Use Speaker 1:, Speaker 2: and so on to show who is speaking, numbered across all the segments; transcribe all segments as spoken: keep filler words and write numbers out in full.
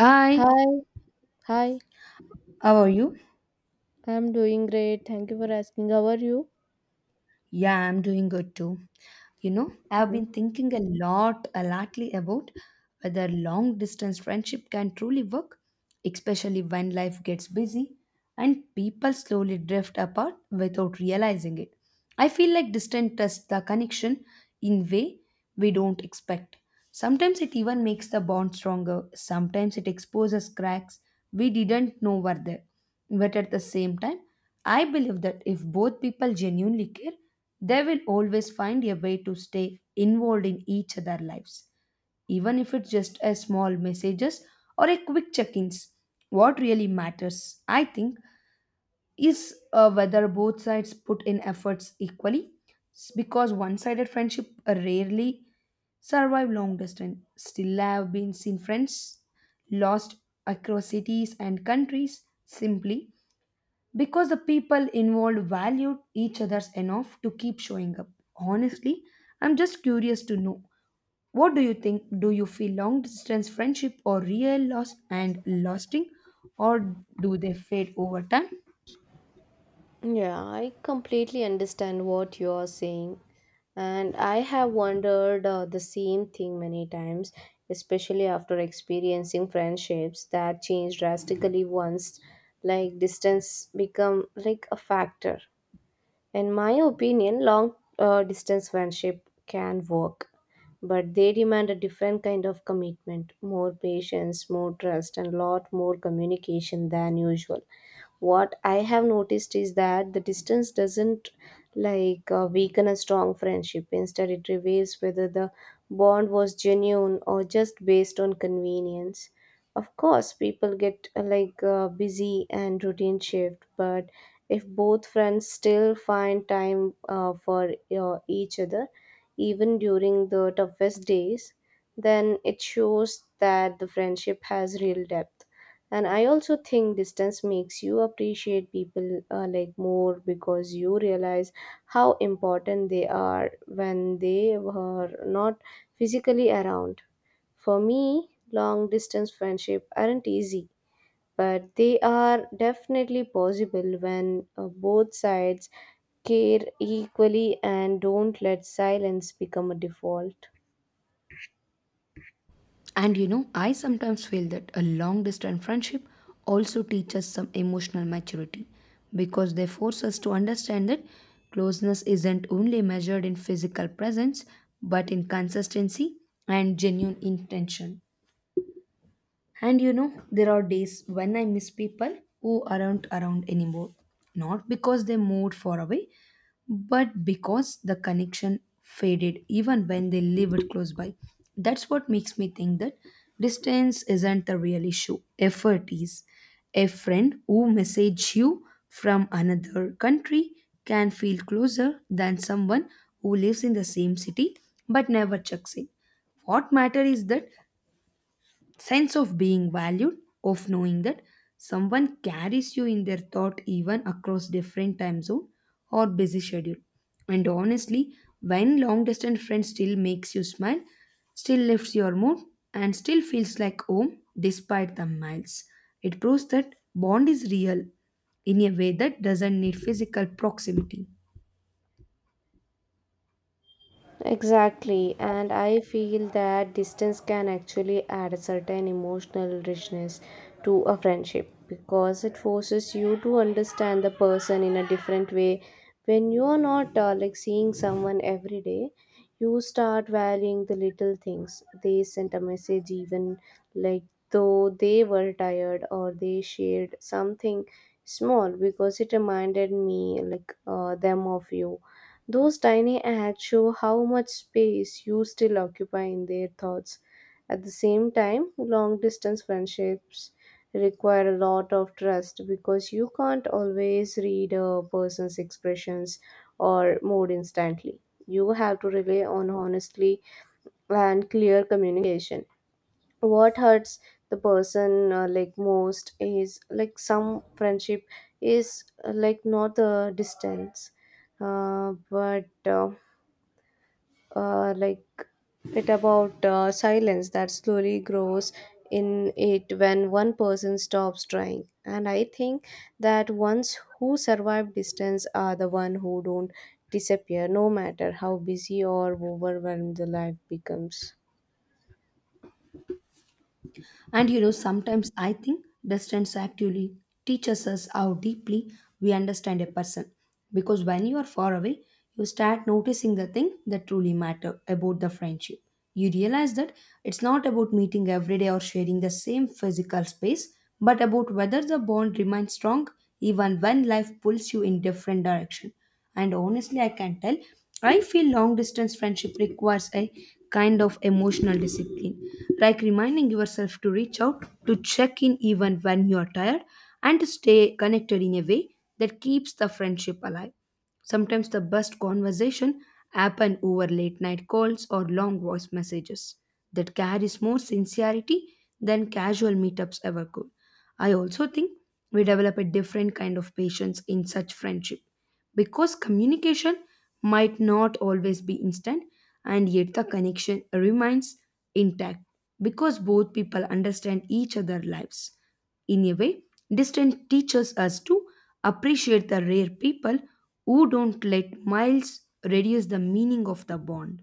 Speaker 1: Hi,
Speaker 2: Hi, hi.
Speaker 1: how are you?
Speaker 2: I'm doing great. Thank you for asking. How are you?
Speaker 1: Yeah, I'm doing good too. You know, I've been
Speaker 2: Mhm.
Speaker 1: thinking a lot, a lotly about whether long distance friendship can truly work, especially when life gets busy and people slowly drift apart without realizing it. I feel like distance tests the connection in way we don't expect. Sometimes it even makes the bond stronger, sometimes it exposes cracks we didn't know were there. But at the same time, I believe that if both people genuinely care, they will always find a way to stay involved in each other's lives, even if it's just a small messages or a quick check-ins. What really matters, I think, is uh, whether both sides put in efforts equally, S- because one-sided friendship rarely survive long distance. Still, I have been seen friends lost across cities and countries simply because the people involved valued each other's enough to keep showing up. Honestly, I'm just curious to know, what do you think? Do you feel long distance friendship or real loss and lasting, or do they fade over time?
Speaker 2: Yeah, I completely understand what you are saying. And I have wondered uh, the same thing many times, especially after experiencing friendships that change drastically once like distance become like a factor. In my opinion, long uh, distance friendship can work, but they demand a different kind of commitment, more patience, more trust, and lot more communication than usual. What I have noticed is that the distance doesn't like uh, weaken a strong friendship. Instead, it reveals whether the bond was genuine or just based on convenience. Of course, people get uh, like uh, busy and routine shift, but if both friends still find time uh, for uh, each other, even during the toughest days, then it shows that the friendship has real depth. And I also think distance makes you appreciate people uh, like more because you realize how important they are when they were not physically around. For me, long distance friendship aren't easy but they are definitely possible when uh, both sides care equally and don't let silence become a default.
Speaker 1: And you know, I sometimes feel that a long distance friendship also teaches some emotional maturity, because they force us to understand that closeness isn't only measured in physical presence, but in consistency and genuine intention. And you know, there are days when I miss people who aren't around anymore. Not because they moved far away, but because the connection faded even when they lived close by. That's what makes me think that distance isn't the real issue. Effort is. A friend who message you from another country can feel closer than someone who lives in the same city but never checks in. What matter is that sense of being valued, of knowing that someone carries you in their thought even across different time zone or busy schedule. And honestly, when long distance friend still makes you smile, still lifts your mood, and still feels like home despite the miles, it proves that bond is real in a way that doesn't need physical proximity.
Speaker 2: Exactly, and I feel that distance can actually add a certain emotional richness to a friendship because it forces you to understand the person in a different way. When you are not uh, like seeing someone every day, you start valuing the little things. They sent a message, even like though they were tired or they shared something small because it reminded me like uh, them of you, those tiny acts show how much space you still occupy in their thoughts. At the same time, long distance friendships require a lot of trust because you can't always read a person's expressions or mood instantly. You have to rely on honestly and clear communication. What hurts the person uh, like most is like some friendship is uh, like not the distance uh, but uh, uh, like it about uh, silence that slowly grows in it when one person stops trying. And I think that ones who survive distance are the one who don't disappear no matter how busy or overwhelmed the life becomes.
Speaker 1: And you know, sometimes I think distance actually teaches us how deeply we understand a person. Because when you are far away, you start noticing the thing that truly matter about the friendship. You realize that it's not about meeting every day or sharing the same physical space, but about whether the bond remains strong even when life pulls you in different direction. And honestly, I can tell, I feel long distance friendship requires a kind of emotional discipline, like reminding yourself to reach out, to check in even when you're tired, and to stay connected in a way that keeps the friendship alive. Sometimes the best conversation happen over late night calls or long voice messages that carries more sincerity than casual meetups ever could. I also think we develop a different kind of patience in such friendship, because communication might not always be instant and yet the connection remains intact, because both people understand each other's lives in a way distance teaches us to appreciate the rare people who don't let miles reduce the meaning of the bond.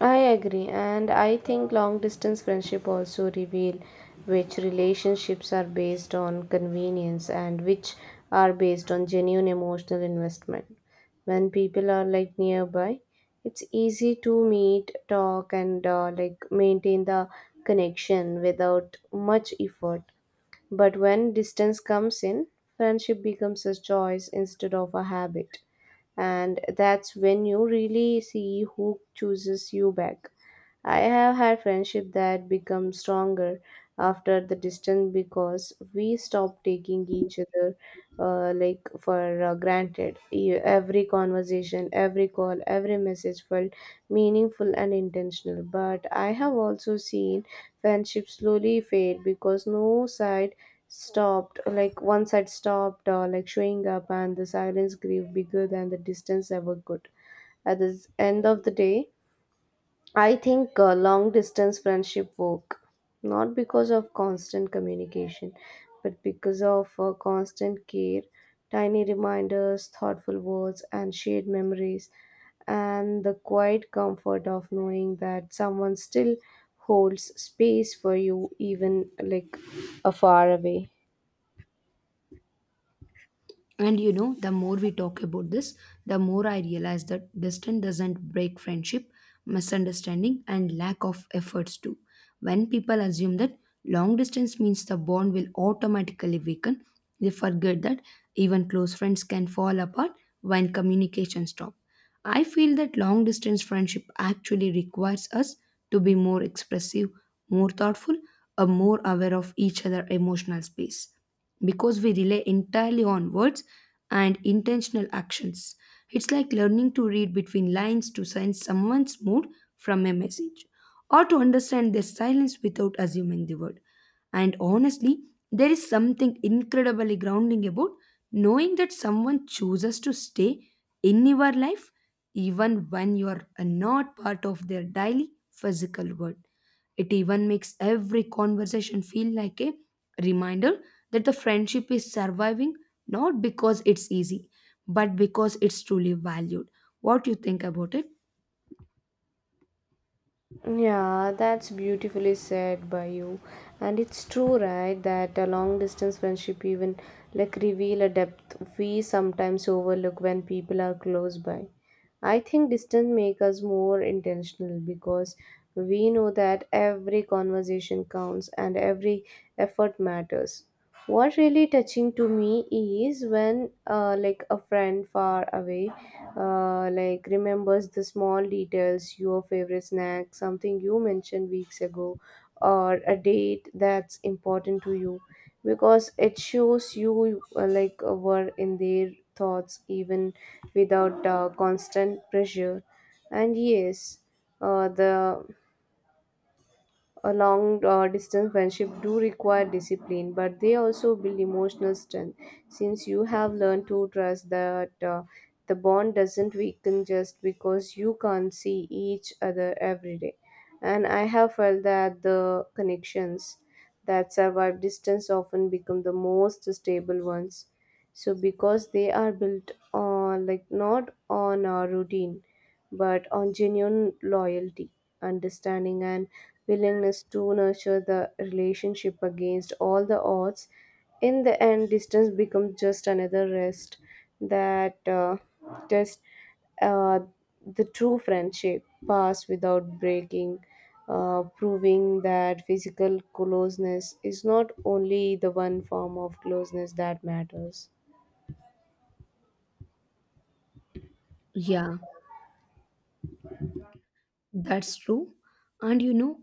Speaker 2: I agree, and I think long distance friendship also reveal which relationships are based on convenience and which are based on genuine emotional investment. When people are like nearby, it's easy to meet, talk, and uh, like maintain the connection without much effort. But when distance comes in, friendship becomes a choice instead of a habit, and that's when you really see who chooses you back. I have had friendship that become stronger after the distance because we stopped taking each other uh, like for uh, granted. E- Every conversation, every call, every message felt meaningful and intentional. But I have also seen friendship slowly fade because no side stopped, like one side stopped uh, like showing up and the silence grew bigger than the distance ever could. At the end of the day, I think uh, long distance friendship work not because of constant communication, but because of uh, constant care, tiny reminders, thoughtful words, and shared memories, and the quiet comfort of knowing that someone still holds space for you, even like a far away.
Speaker 1: And you know, the more we talk about this, the more I realize that distance doesn't break friendship, misunderstanding, and lack of efforts too. When people assume that long distance means the bond will automatically weaken, they forget that even close friends can fall apart when communication stops. I feel that long distance friendship actually requires us to be more expressive, more thoughtful, or more aware of each other' emotional space, because we rely entirely on words and intentional actions. It's like learning to read between lines, to sense someone's mood from a message, or to understand their silence without assuming the word. And honestly, there is something incredibly grounding about knowing that someone chooses to stay in your life even when you are not part of their daily physical world. It even makes every conversation feel like a reminder that the friendship is surviving, not because it's easy, but because it's truly valued. What do you think about it?
Speaker 2: Yeah, that's beautifully said by you. And it's true, right, that a long distance friendship even like reveal a depth we sometimes overlook when people are close by. I think distance make us more intentional because we know that every conversation counts and every effort matters. What really touching to me is when uh, like a friend far away uh, like remembers the small details, your favorite snack, something you mentioned weeks ago, or a date that's important to you, because it shows you uh, like uh, were in their thoughts even without uh, constant pressure. And yes, uh, the a long uh, distance friendship do require discipline but they also build emotional strength since you have learned to trust that uh, the bond doesn't weaken just because you can't see each other every day. And I have felt that the connections that survive distance often become the most stable ones, so because they are built on like not on a routine but on genuine loyalty, understanding, and willingness to nurture the relationship against all the odds. In the end, distance becomes just another rest that uh, test uh, the true friendship pass without breaking, uh, proving that physical closeness is not only the one form of closeness that matters.
Speaker 1: Yeah. That's true. And you know,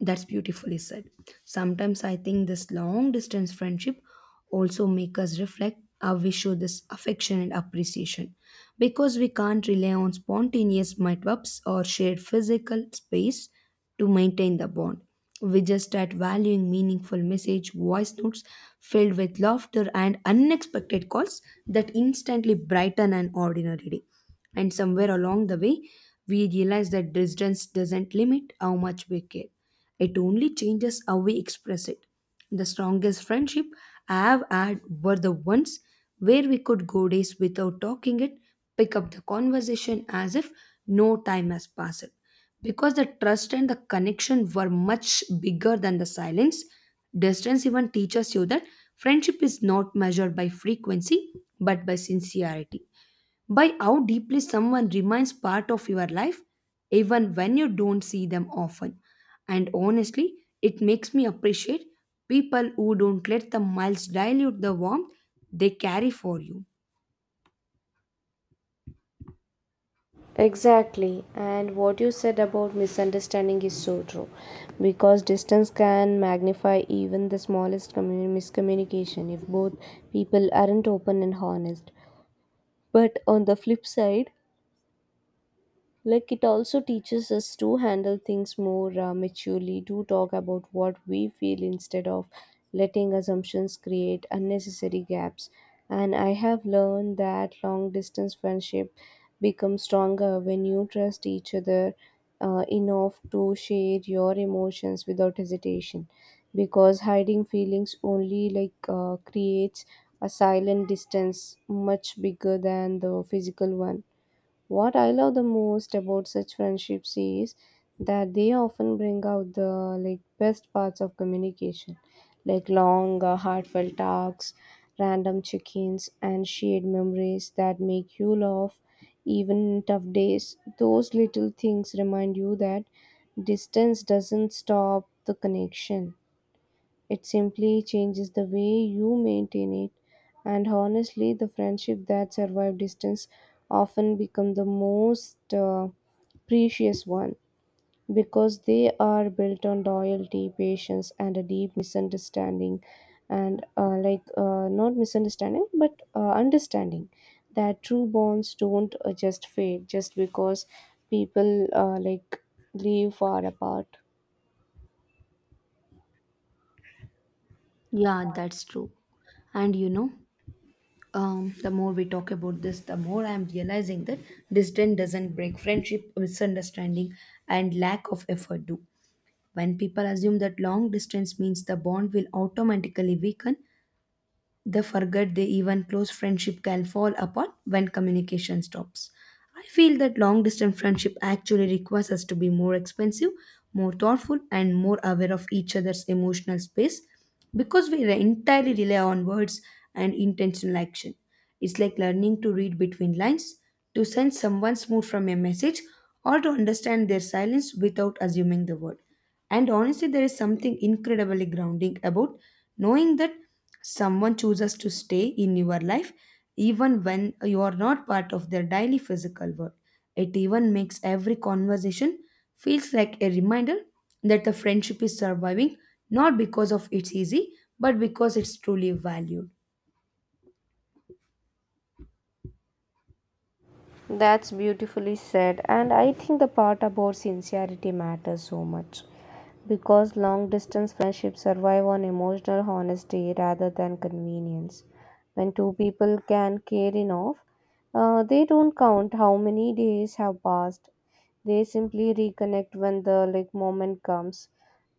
Speaker 1: that's beautifully said. Sometimes I think this long distance friendship also make us reflect how we show this affection and appreciation, because we can't rely on spontaneous meetups or shared physical space to maintain the bond. We just start valuing meaningful message, voice notes filled with laughter, and unexpected calls that instantly brighten an ordinary day. And somewhere along the way, we realize that distance doesn't limit how much we care. It only changes how we express it. The strongest friendship I have had were the ones where we could go days without talking it, pick up the conversation as if no time has passed. Because the trust and the connection were much bigger than the silence, distance even teaches you that friendship is not measured by frequency but by sincerity, by how deeply someone remains part of your life even when you don't see them often. And honestly, it makes me appreciate people who don't let the miles dilute the warmth they carry for you.
Speaker 2: Exactly, and what you said about misunderstanding is so true because distance can magnify even the smallest commu- miscommunication if both people aren't open and honest. But on the flip side, like it also teaches us to handle things more uh, maturely, to talk about what we feel instead of letting assumptions create unnecessary gaps. And I have learned that long distance friendship becomes stronger when you trust each other uh, enough to share your emotions without hesitation. Because hiding feelings only like uh, creates a silent distance much bigger than the physical one. What I love the most about such friendships is that they often bring out the like best parts of communication, like long, uh, heartfelt talks, random check-ins, and shared memories that make you laugh even in tough days. Those little things remind you that distance doesn't stop the connection. It simply changes the way you maintain it. And honestly, the friendship that survive distance often become the most uh, precious one because they are built on loyalty, patience, and a deep misunderstanding, and uh, like uh, not misunderstanding but uh, understanding that true bonds don't uh, just fade just because people uh, like live far apart.
Speaker 1: Yeah, that's true. And you know, um, the more we talk about this, the more I'm realizing that distance doesn't break friendship, misunderstanding, and lack of effort do. When people assume that long distance means the bond will automatically weaken, they forget they even close friendship can fall apart when communication stops. I feel that long distance friendship actually requires us to be more expensive, more thoughtful, and more aware of each other's emotional space, because we re- entirely rely on words and intentional action. It's like learning to read between lines, to sense someone's mood from a message, or to understand their silence without assuming the word. And honestly, there is something incredibly grounding about knowing that someone chooses to stay in your life even when you are not part of their daily physical world. It even makes every conversation feels like a reminder that the friendship is surviving, not because of it's easy, but because it's truly valued.
Speaker 2: That's beautifully said, and I think the part about sincerity matters so much because long distance friendships survive on emotional honesty rather than convenience. When two people can care enough, uh, they don't count how many days have passed. They simply reconnect when the like moment comes,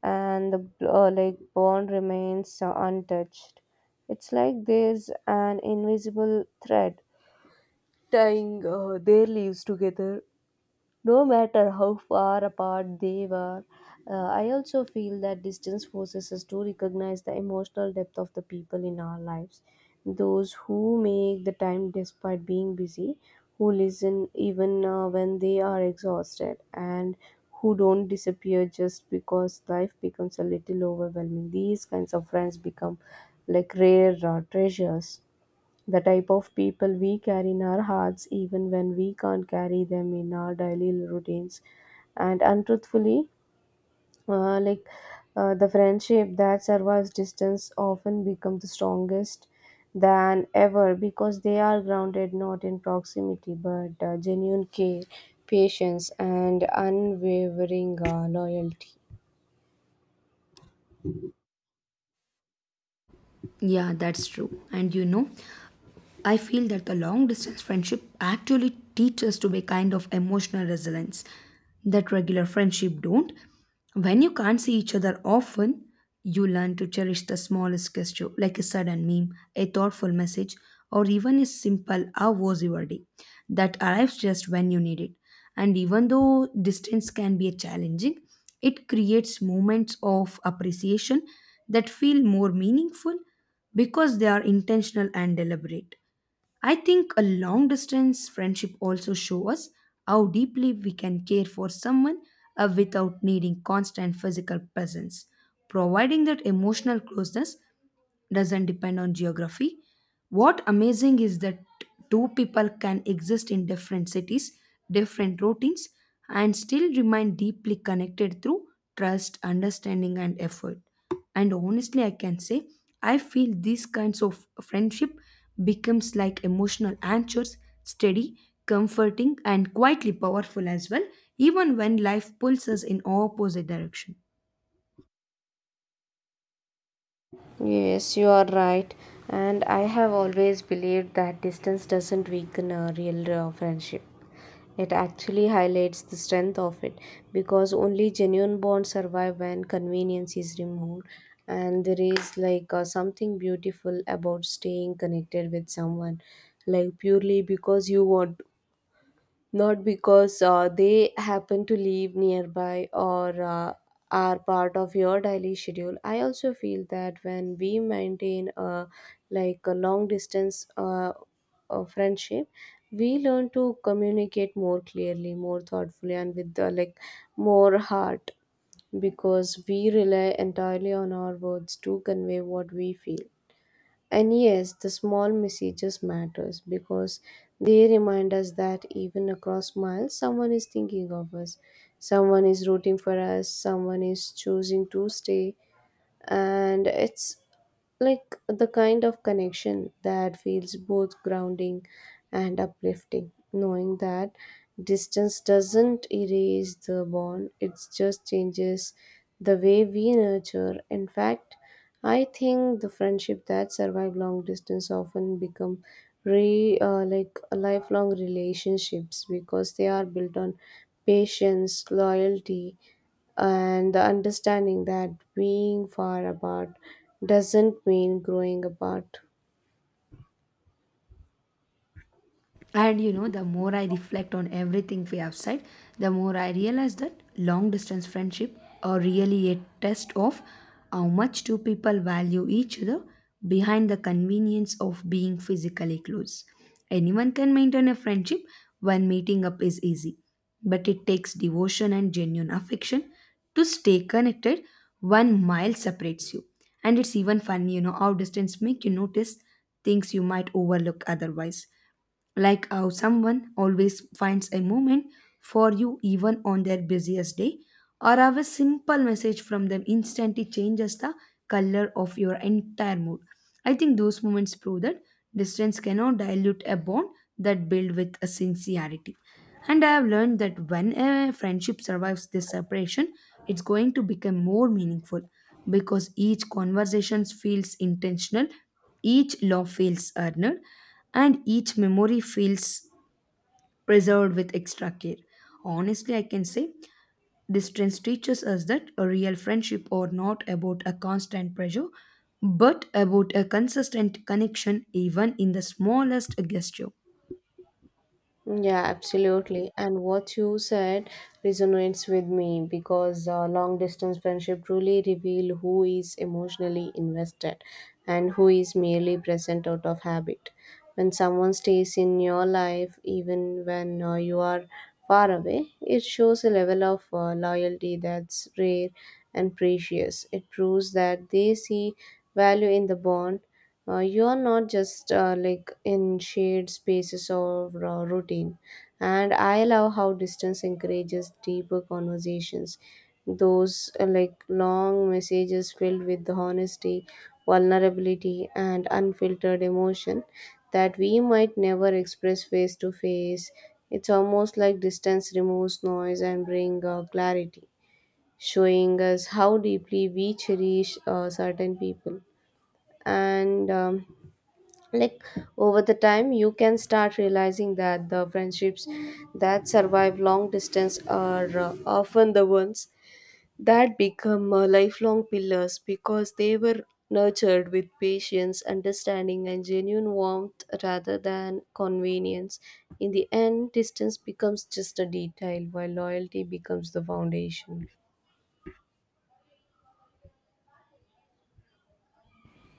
Speaker 2: and the uh, like bond remains uh, untouched. It's like there's an invisible thread tying uh, their leaves together, no matter how far apart they were. Uh, I also feel that distance forces us to recognize the emotional depth of the people in our lives. Those who make the time despite being busy, who listen even uh, when they are exhausted, and who don't disappear just because life becomes a little overwhelming. These kinds of friends become like rare uh, treasures, the type of people we carry in our hearts even when we can't carry them in our daily routines. And untruthfully, uh, like uh, the friendship that survives distance often become the strongest than ever because they are grounded not in proximity but uh, genuine care, patience, and unwavering uh, loyalty.
Speaker 1: Yeah, that's true. And you know, I feel that the long distance friendship actually teaches us to be kind of emotional resilience that regular friendship don't. When you can't see each other often, you learn to cherish the smallest gesture, like a sudden meme, a thoughtful message, or even a simple "How was your day?" that arrives just when you need it. And even though distance can be challenging, it creates moments of appreciation that feel more meaningful because they are intentional and deliberate. I think a long distance friendship also shows us how deeply we can care for someone uh, without needing constant physical presence, providing that emotional closeness doesn't depend on geography. What amazing is that two people can exist in different cities, different routines, and still remain deeply connected through trust, understanding, and effort. And honestly, I can say I feel these kinds of friendship becomes like emotional anchors, steady, comforting, and quietly powerful as well, even when life pulls us in opposite direction.
Speaker 2: Yes, you are right. And I have always believed that distance doesn't weaken a real uh, friendship. It actually highlights the strength of it because only genuine bonds survive when convenience is removed. And there is like uh, something beautiful about staying connected with someone, like purely because you want not because uh, they happen to live nearby or uh, are part of your daily schedule. I also feel that when we maintain a like a long distance uh, uh, friendship, we learn to communicate more clearly, more thoughtfully, and with uh, like more heart because we rely entirely on our words to convey what we feel. And yes, the small messages matters because they remind us that even across miles, someone is thinking of us, someone is rooting for us, someone is choosing to stay, and it's like the kind of connection that feels both grounding and uplifting, knowing that distance doesn't erase the bond; it just changes the way we nurture. In fact, I think the friendship that survive long distance often become re uh, like lifelong relationships because they are built on patience, loyalty, and the understanding that being far apart doesn't mean growing apart.
Speaker 1: And you know, the more I reflect on everything we have said, the more I realize that long distance friendship are really a test of how much two people value each other behind the convenience of being physically close. Anyone can maintain a friendship when meeting up is easy, but it takes devotion and genuine affection to stay connected one mile separates you. And it's even funny, you know, how distance make you notice things you might overlook otherwise, like how someone always finds a moment for you even on their busiest day, or have a simple message from them instantly changes the color of your entire mood. I think those moments prove that distance cannot dilute a bond that built with a sincerity, and I have learned that when a friendship survives this separation, it's going to become more meaningful, because each conversation feels intentional, each law feels earned, and each memory feels preserved with extra care. Honestly, I can say distance teaches us that a real friendship are not about a constant pressure, but about a consistent connection even in the smallest gesture.
Speaker 2: Yeah, absolutely. And what you said resonates with me because uh, long distance friendship truly reveal who is emotionally invested and who is merely present out of habit. When someone stays in your life, even when uh, you are far away, it shows a level of uh, loyalty that's rare and precious. It proves that they see value in the bond uh, you're not just uh, like in shared spaces or uh, routine. And I love how distance encourages deeper conversations. Those uh, like long messages filled with honesty, vulnerability, and unfiltered emotion that we might never express face to face. It's almost like distance removes noise and brings uh, clarity, showing us how deeply we cherish uh, certain people. And um, like over the time you can start realizing that the friendships that survive long distance are uh, often the ones that become uh, lifelong pillars because they were nurtured with patience, understanding, and genuine warmth rather than convenience. In the end, distance becomes just a detail while loyalty becomes the foundation.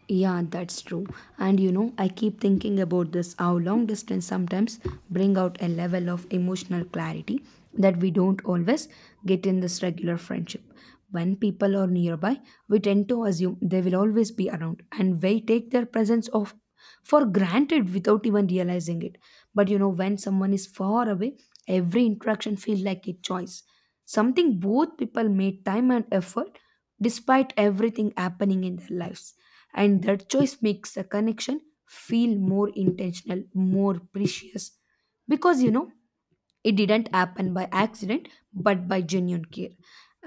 Speaker 1: Yeah, that's true. And you know, I keep thinking about this, how long distance sometimes bring out a level of emotional clarity that we don't always get in this regular friendship. When people are nearby, we tend to assume they will always be around and we take their presence of for granted without even realizing it. But you know, when someone is far away, every interaction feels like a choice. Something both people made time and effort despite everything happening in their lives. And that choice makes the connection feel more intentional, more precious. Because, you know, it didn't happen by accident but by genuine care,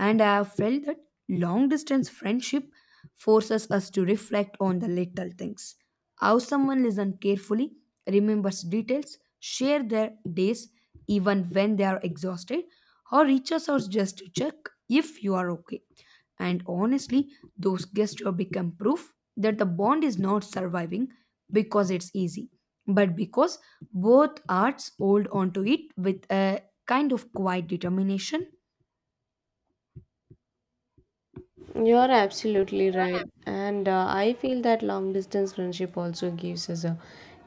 Speaker 1: and I have felt that long distance friendship forces us to reflect on the little things: how someone listens carefully, remembers details, share their days even when they are exhausted, or reaches out just to check if you are okay. And honestly, those gestures become proof that the bond is not surviving because it's easy, but because both arts hold onto it with a kind of quiet determination.
Speaker 2: You're absolutely right. And uh, I feel that long distance friendship also gives us a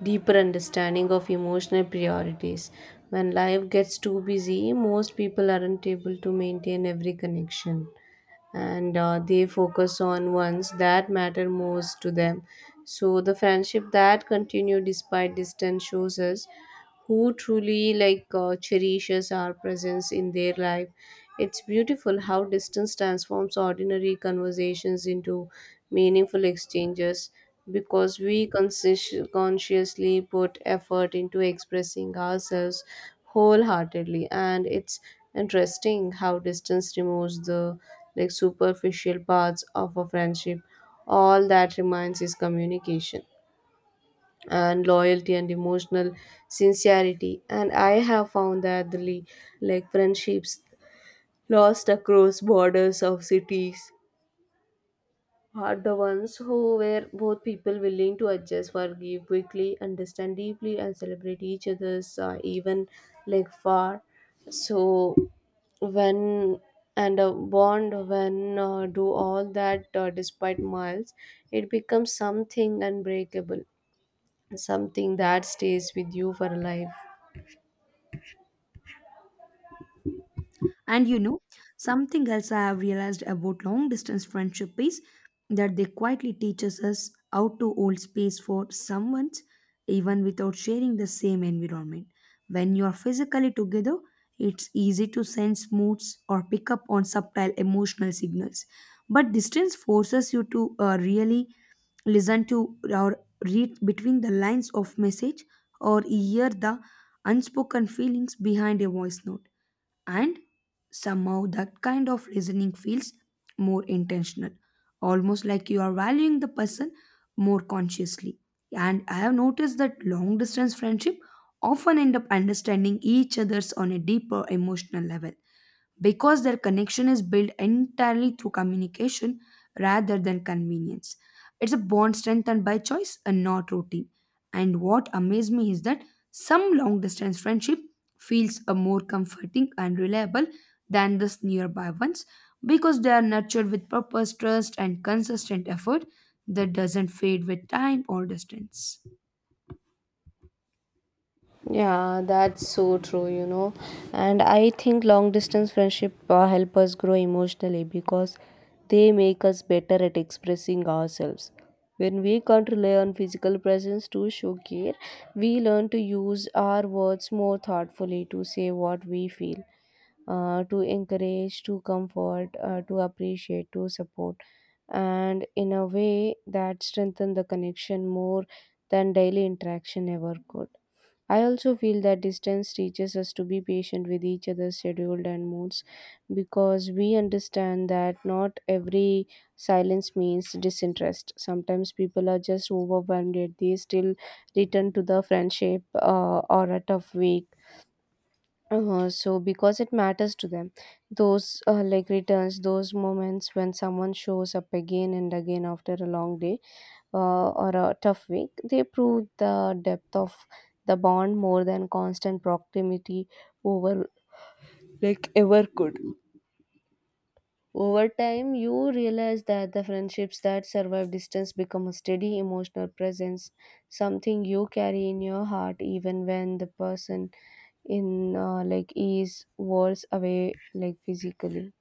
Speaker 2: deeper understanding of emotional priorities. When life gets too busy, most people aren't able to maintain every connection, and uh, they focus on ones that matter most to them. So the friendship that continue despite distance shows us who truly like uh, cherishes our presence in their life. It's beautiful how distance transforms ordinary conversations into meaningful exchanges because we consci- consciously put effort into expressing ourselves wholeheartedly, and it's interesting how distance removes the like superficial parts of a friendship. All that remains is communication and loyalty and emotional sincerity. And I have found that the le- like friendships lost across borders of cities are the ones who were both people willing to adjust, forgive quickly, understand deeply, and celebrate each other's uh, even like far. So when and a bond when uh, do all that uh, despite miles, it becomes something unbreakable, something that stays with you for life.
Speaker 1: And you know, something else I have realized about long distance friendship is that they quietly teaches us how to hold space for someone even without sharing the same environment. When you are physically together, it's easy to sense moods or pick up on subtle emotional signals. But distance forces you to uh, really listen to or read between the lines of message, or hear the unspoken feelings behind a voice note. And somehow that kind of listening feels more intentional, almost like you are valuing the person more consciously. And I have noticed that long distance friendship often end up understanding each other's on a deeper emotional level because their connection is built entirely through communication rather than convenience. It's a bond strengthened by choice and not routine. And what amazed me is that some long distance friendship feels a more comforting and reliable than the nearby ones because they are nurtured with purpose, trust, and consistent effort that doesn't fade with time or distance.
Speaker 2: Yeah, that's so true, you know. And I think long distance friendship uh, help us grow emotionally because they make us better at expressing ourselves. When we can't rely on physical presence to show care, we learn to use our words more thoughtfully to say what we feel, uh, to encourage, to comfort, uh, to appreciate, to support, and in a way that strengthen the connection more than daily interaction ever could. I also feel that distance teaches us to be patient with each other's schedule and moods because we understand that not every silence means disinterest. Sometimes people are just overwhelmed, yet they still return to the friendship uh, or a tough week uh, so because it matters to them, those uh, like returns those moments when someone shows up again and again after a long day uh, or a tough week, they prove the depth of the bond more than constant proximity over like ever could. Over time, you realize that the friendships that survive distance become a steady emotional presence, something you carry in your heart even when the person in uh, like is worlds away, like physically.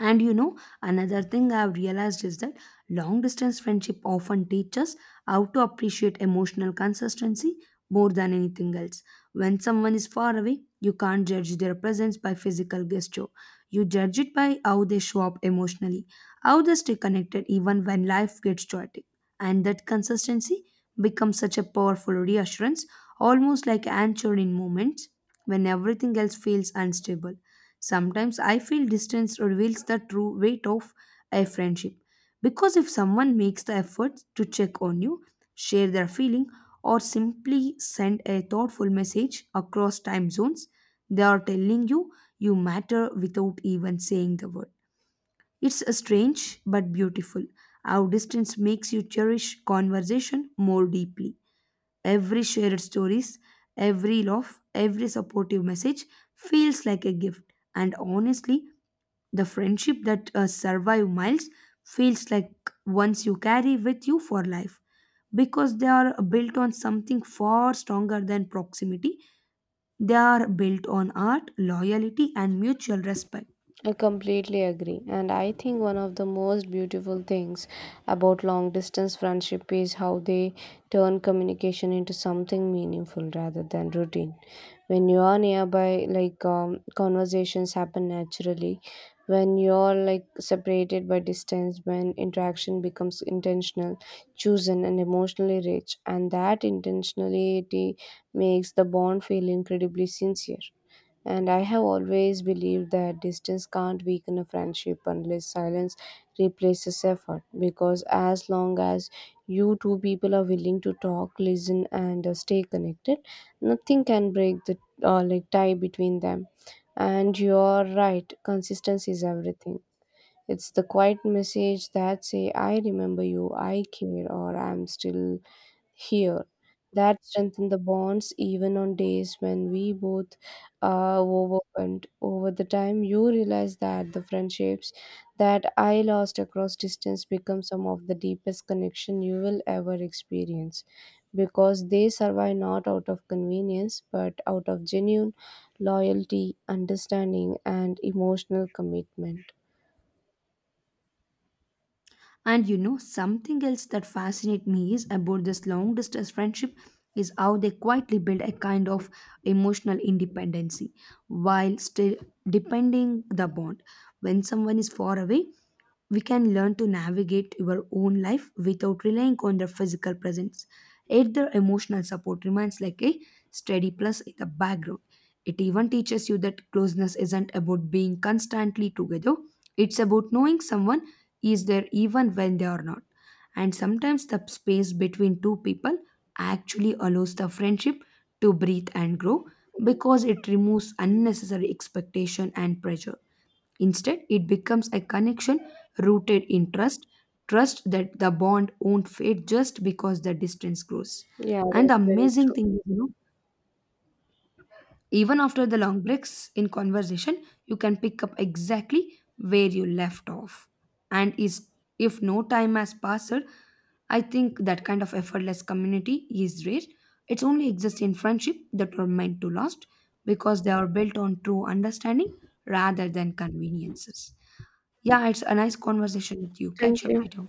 Speaker 1: And you know, another thing I've realized is that long distance friendship often teaches us how to appreciate emotional consistency more than anything else. When someone is far away, you can't judge their presence by physical gesture. You judge it by how they show up emotionally, how they stay connected even when life gets chaotic. And that consistency becomes such a powerful reassurance, almost like anchor in moments when everything else feels unstable. Sometimes I feel distance reveals the true weight of a friendship. Because if someone makes the effort to check on you, share their feeling, or simply send a thoughtful message across time zones, they are telling you you matter without even saying the word. It's a strange but beautiful how distance makes you cherish conversation more deeply. Every shared stories, every laugh, every supportive message feels like a gift. And honestly, the friendship that uh, survive miles feels like ones you carry with you for life because they are built on something far stronger than proximity. They are built on art, loyalty, and mutual respect.
Speaker 2: I completely agree, and I think one of the most beautiful things about long distance friendship is how they turn communication into something meaningful rather than routine. When you are nearby, like um, conversations happen naturally. When you're like separated by distance, when interaction becomes intentional, chosen, and emotionally rich, and that intentionality makes the bond feel incredibly sincere. And I have always believed that distance can't weaken a friendship unless silence replaces effort. Because as long as you two people are willing to talk, listen, and uh, stay connected, nothing can break the uh, like tie between them. And you're right, consistency is everything. It's the quiet message that say, "I remember you, I care, or I'm still here." That strengthened the bonds even on days when we both are overwhelmed. Over the time, you realize that the friendships that I lost across distance become some of the deepest connection you will ever experience because they survive not out of convenience but out of genuine loyalty, understanding, and emotional commitment.
Speaker 1: And you know, something else that fascinates me is about this long distance friendship is how they quietly build a kind of emotional independency while still depending the bond. When someone is far away, we can learn to navigate your own life without relying on their physical presence. Yet their emotional support remains like a steady plus in the background. It even teaches you that closeness isn't about being constantly together, it's about knowing someone is there even when they are not. And sometimes the space between two people actually allows the friendship to breathe and grow because it removes unnecessary expectation and pressure. Instead, it becomes a connection rooted in trust, trust that the bond won't fade just because the distance grows.
Speaker 2: Yeah,
Speaker 1: And the
Speaker 2: that's very
Speaker 1: amazing
Speaker 2: true.
Speaker 1: thing is, you know, even after the long breaks in conversation, you can pick up exactly where you left off. And is if no time has passed, I think that kind of effortless community is rare. It only exists in friendship that are meant to last because they are built on true understanding rather than conveniences. Yeah, it's a nice conversation with you. Catch
Speaker 2: Thank
Speaker 1: up
Speaker 2: you.
Speaker 1: later.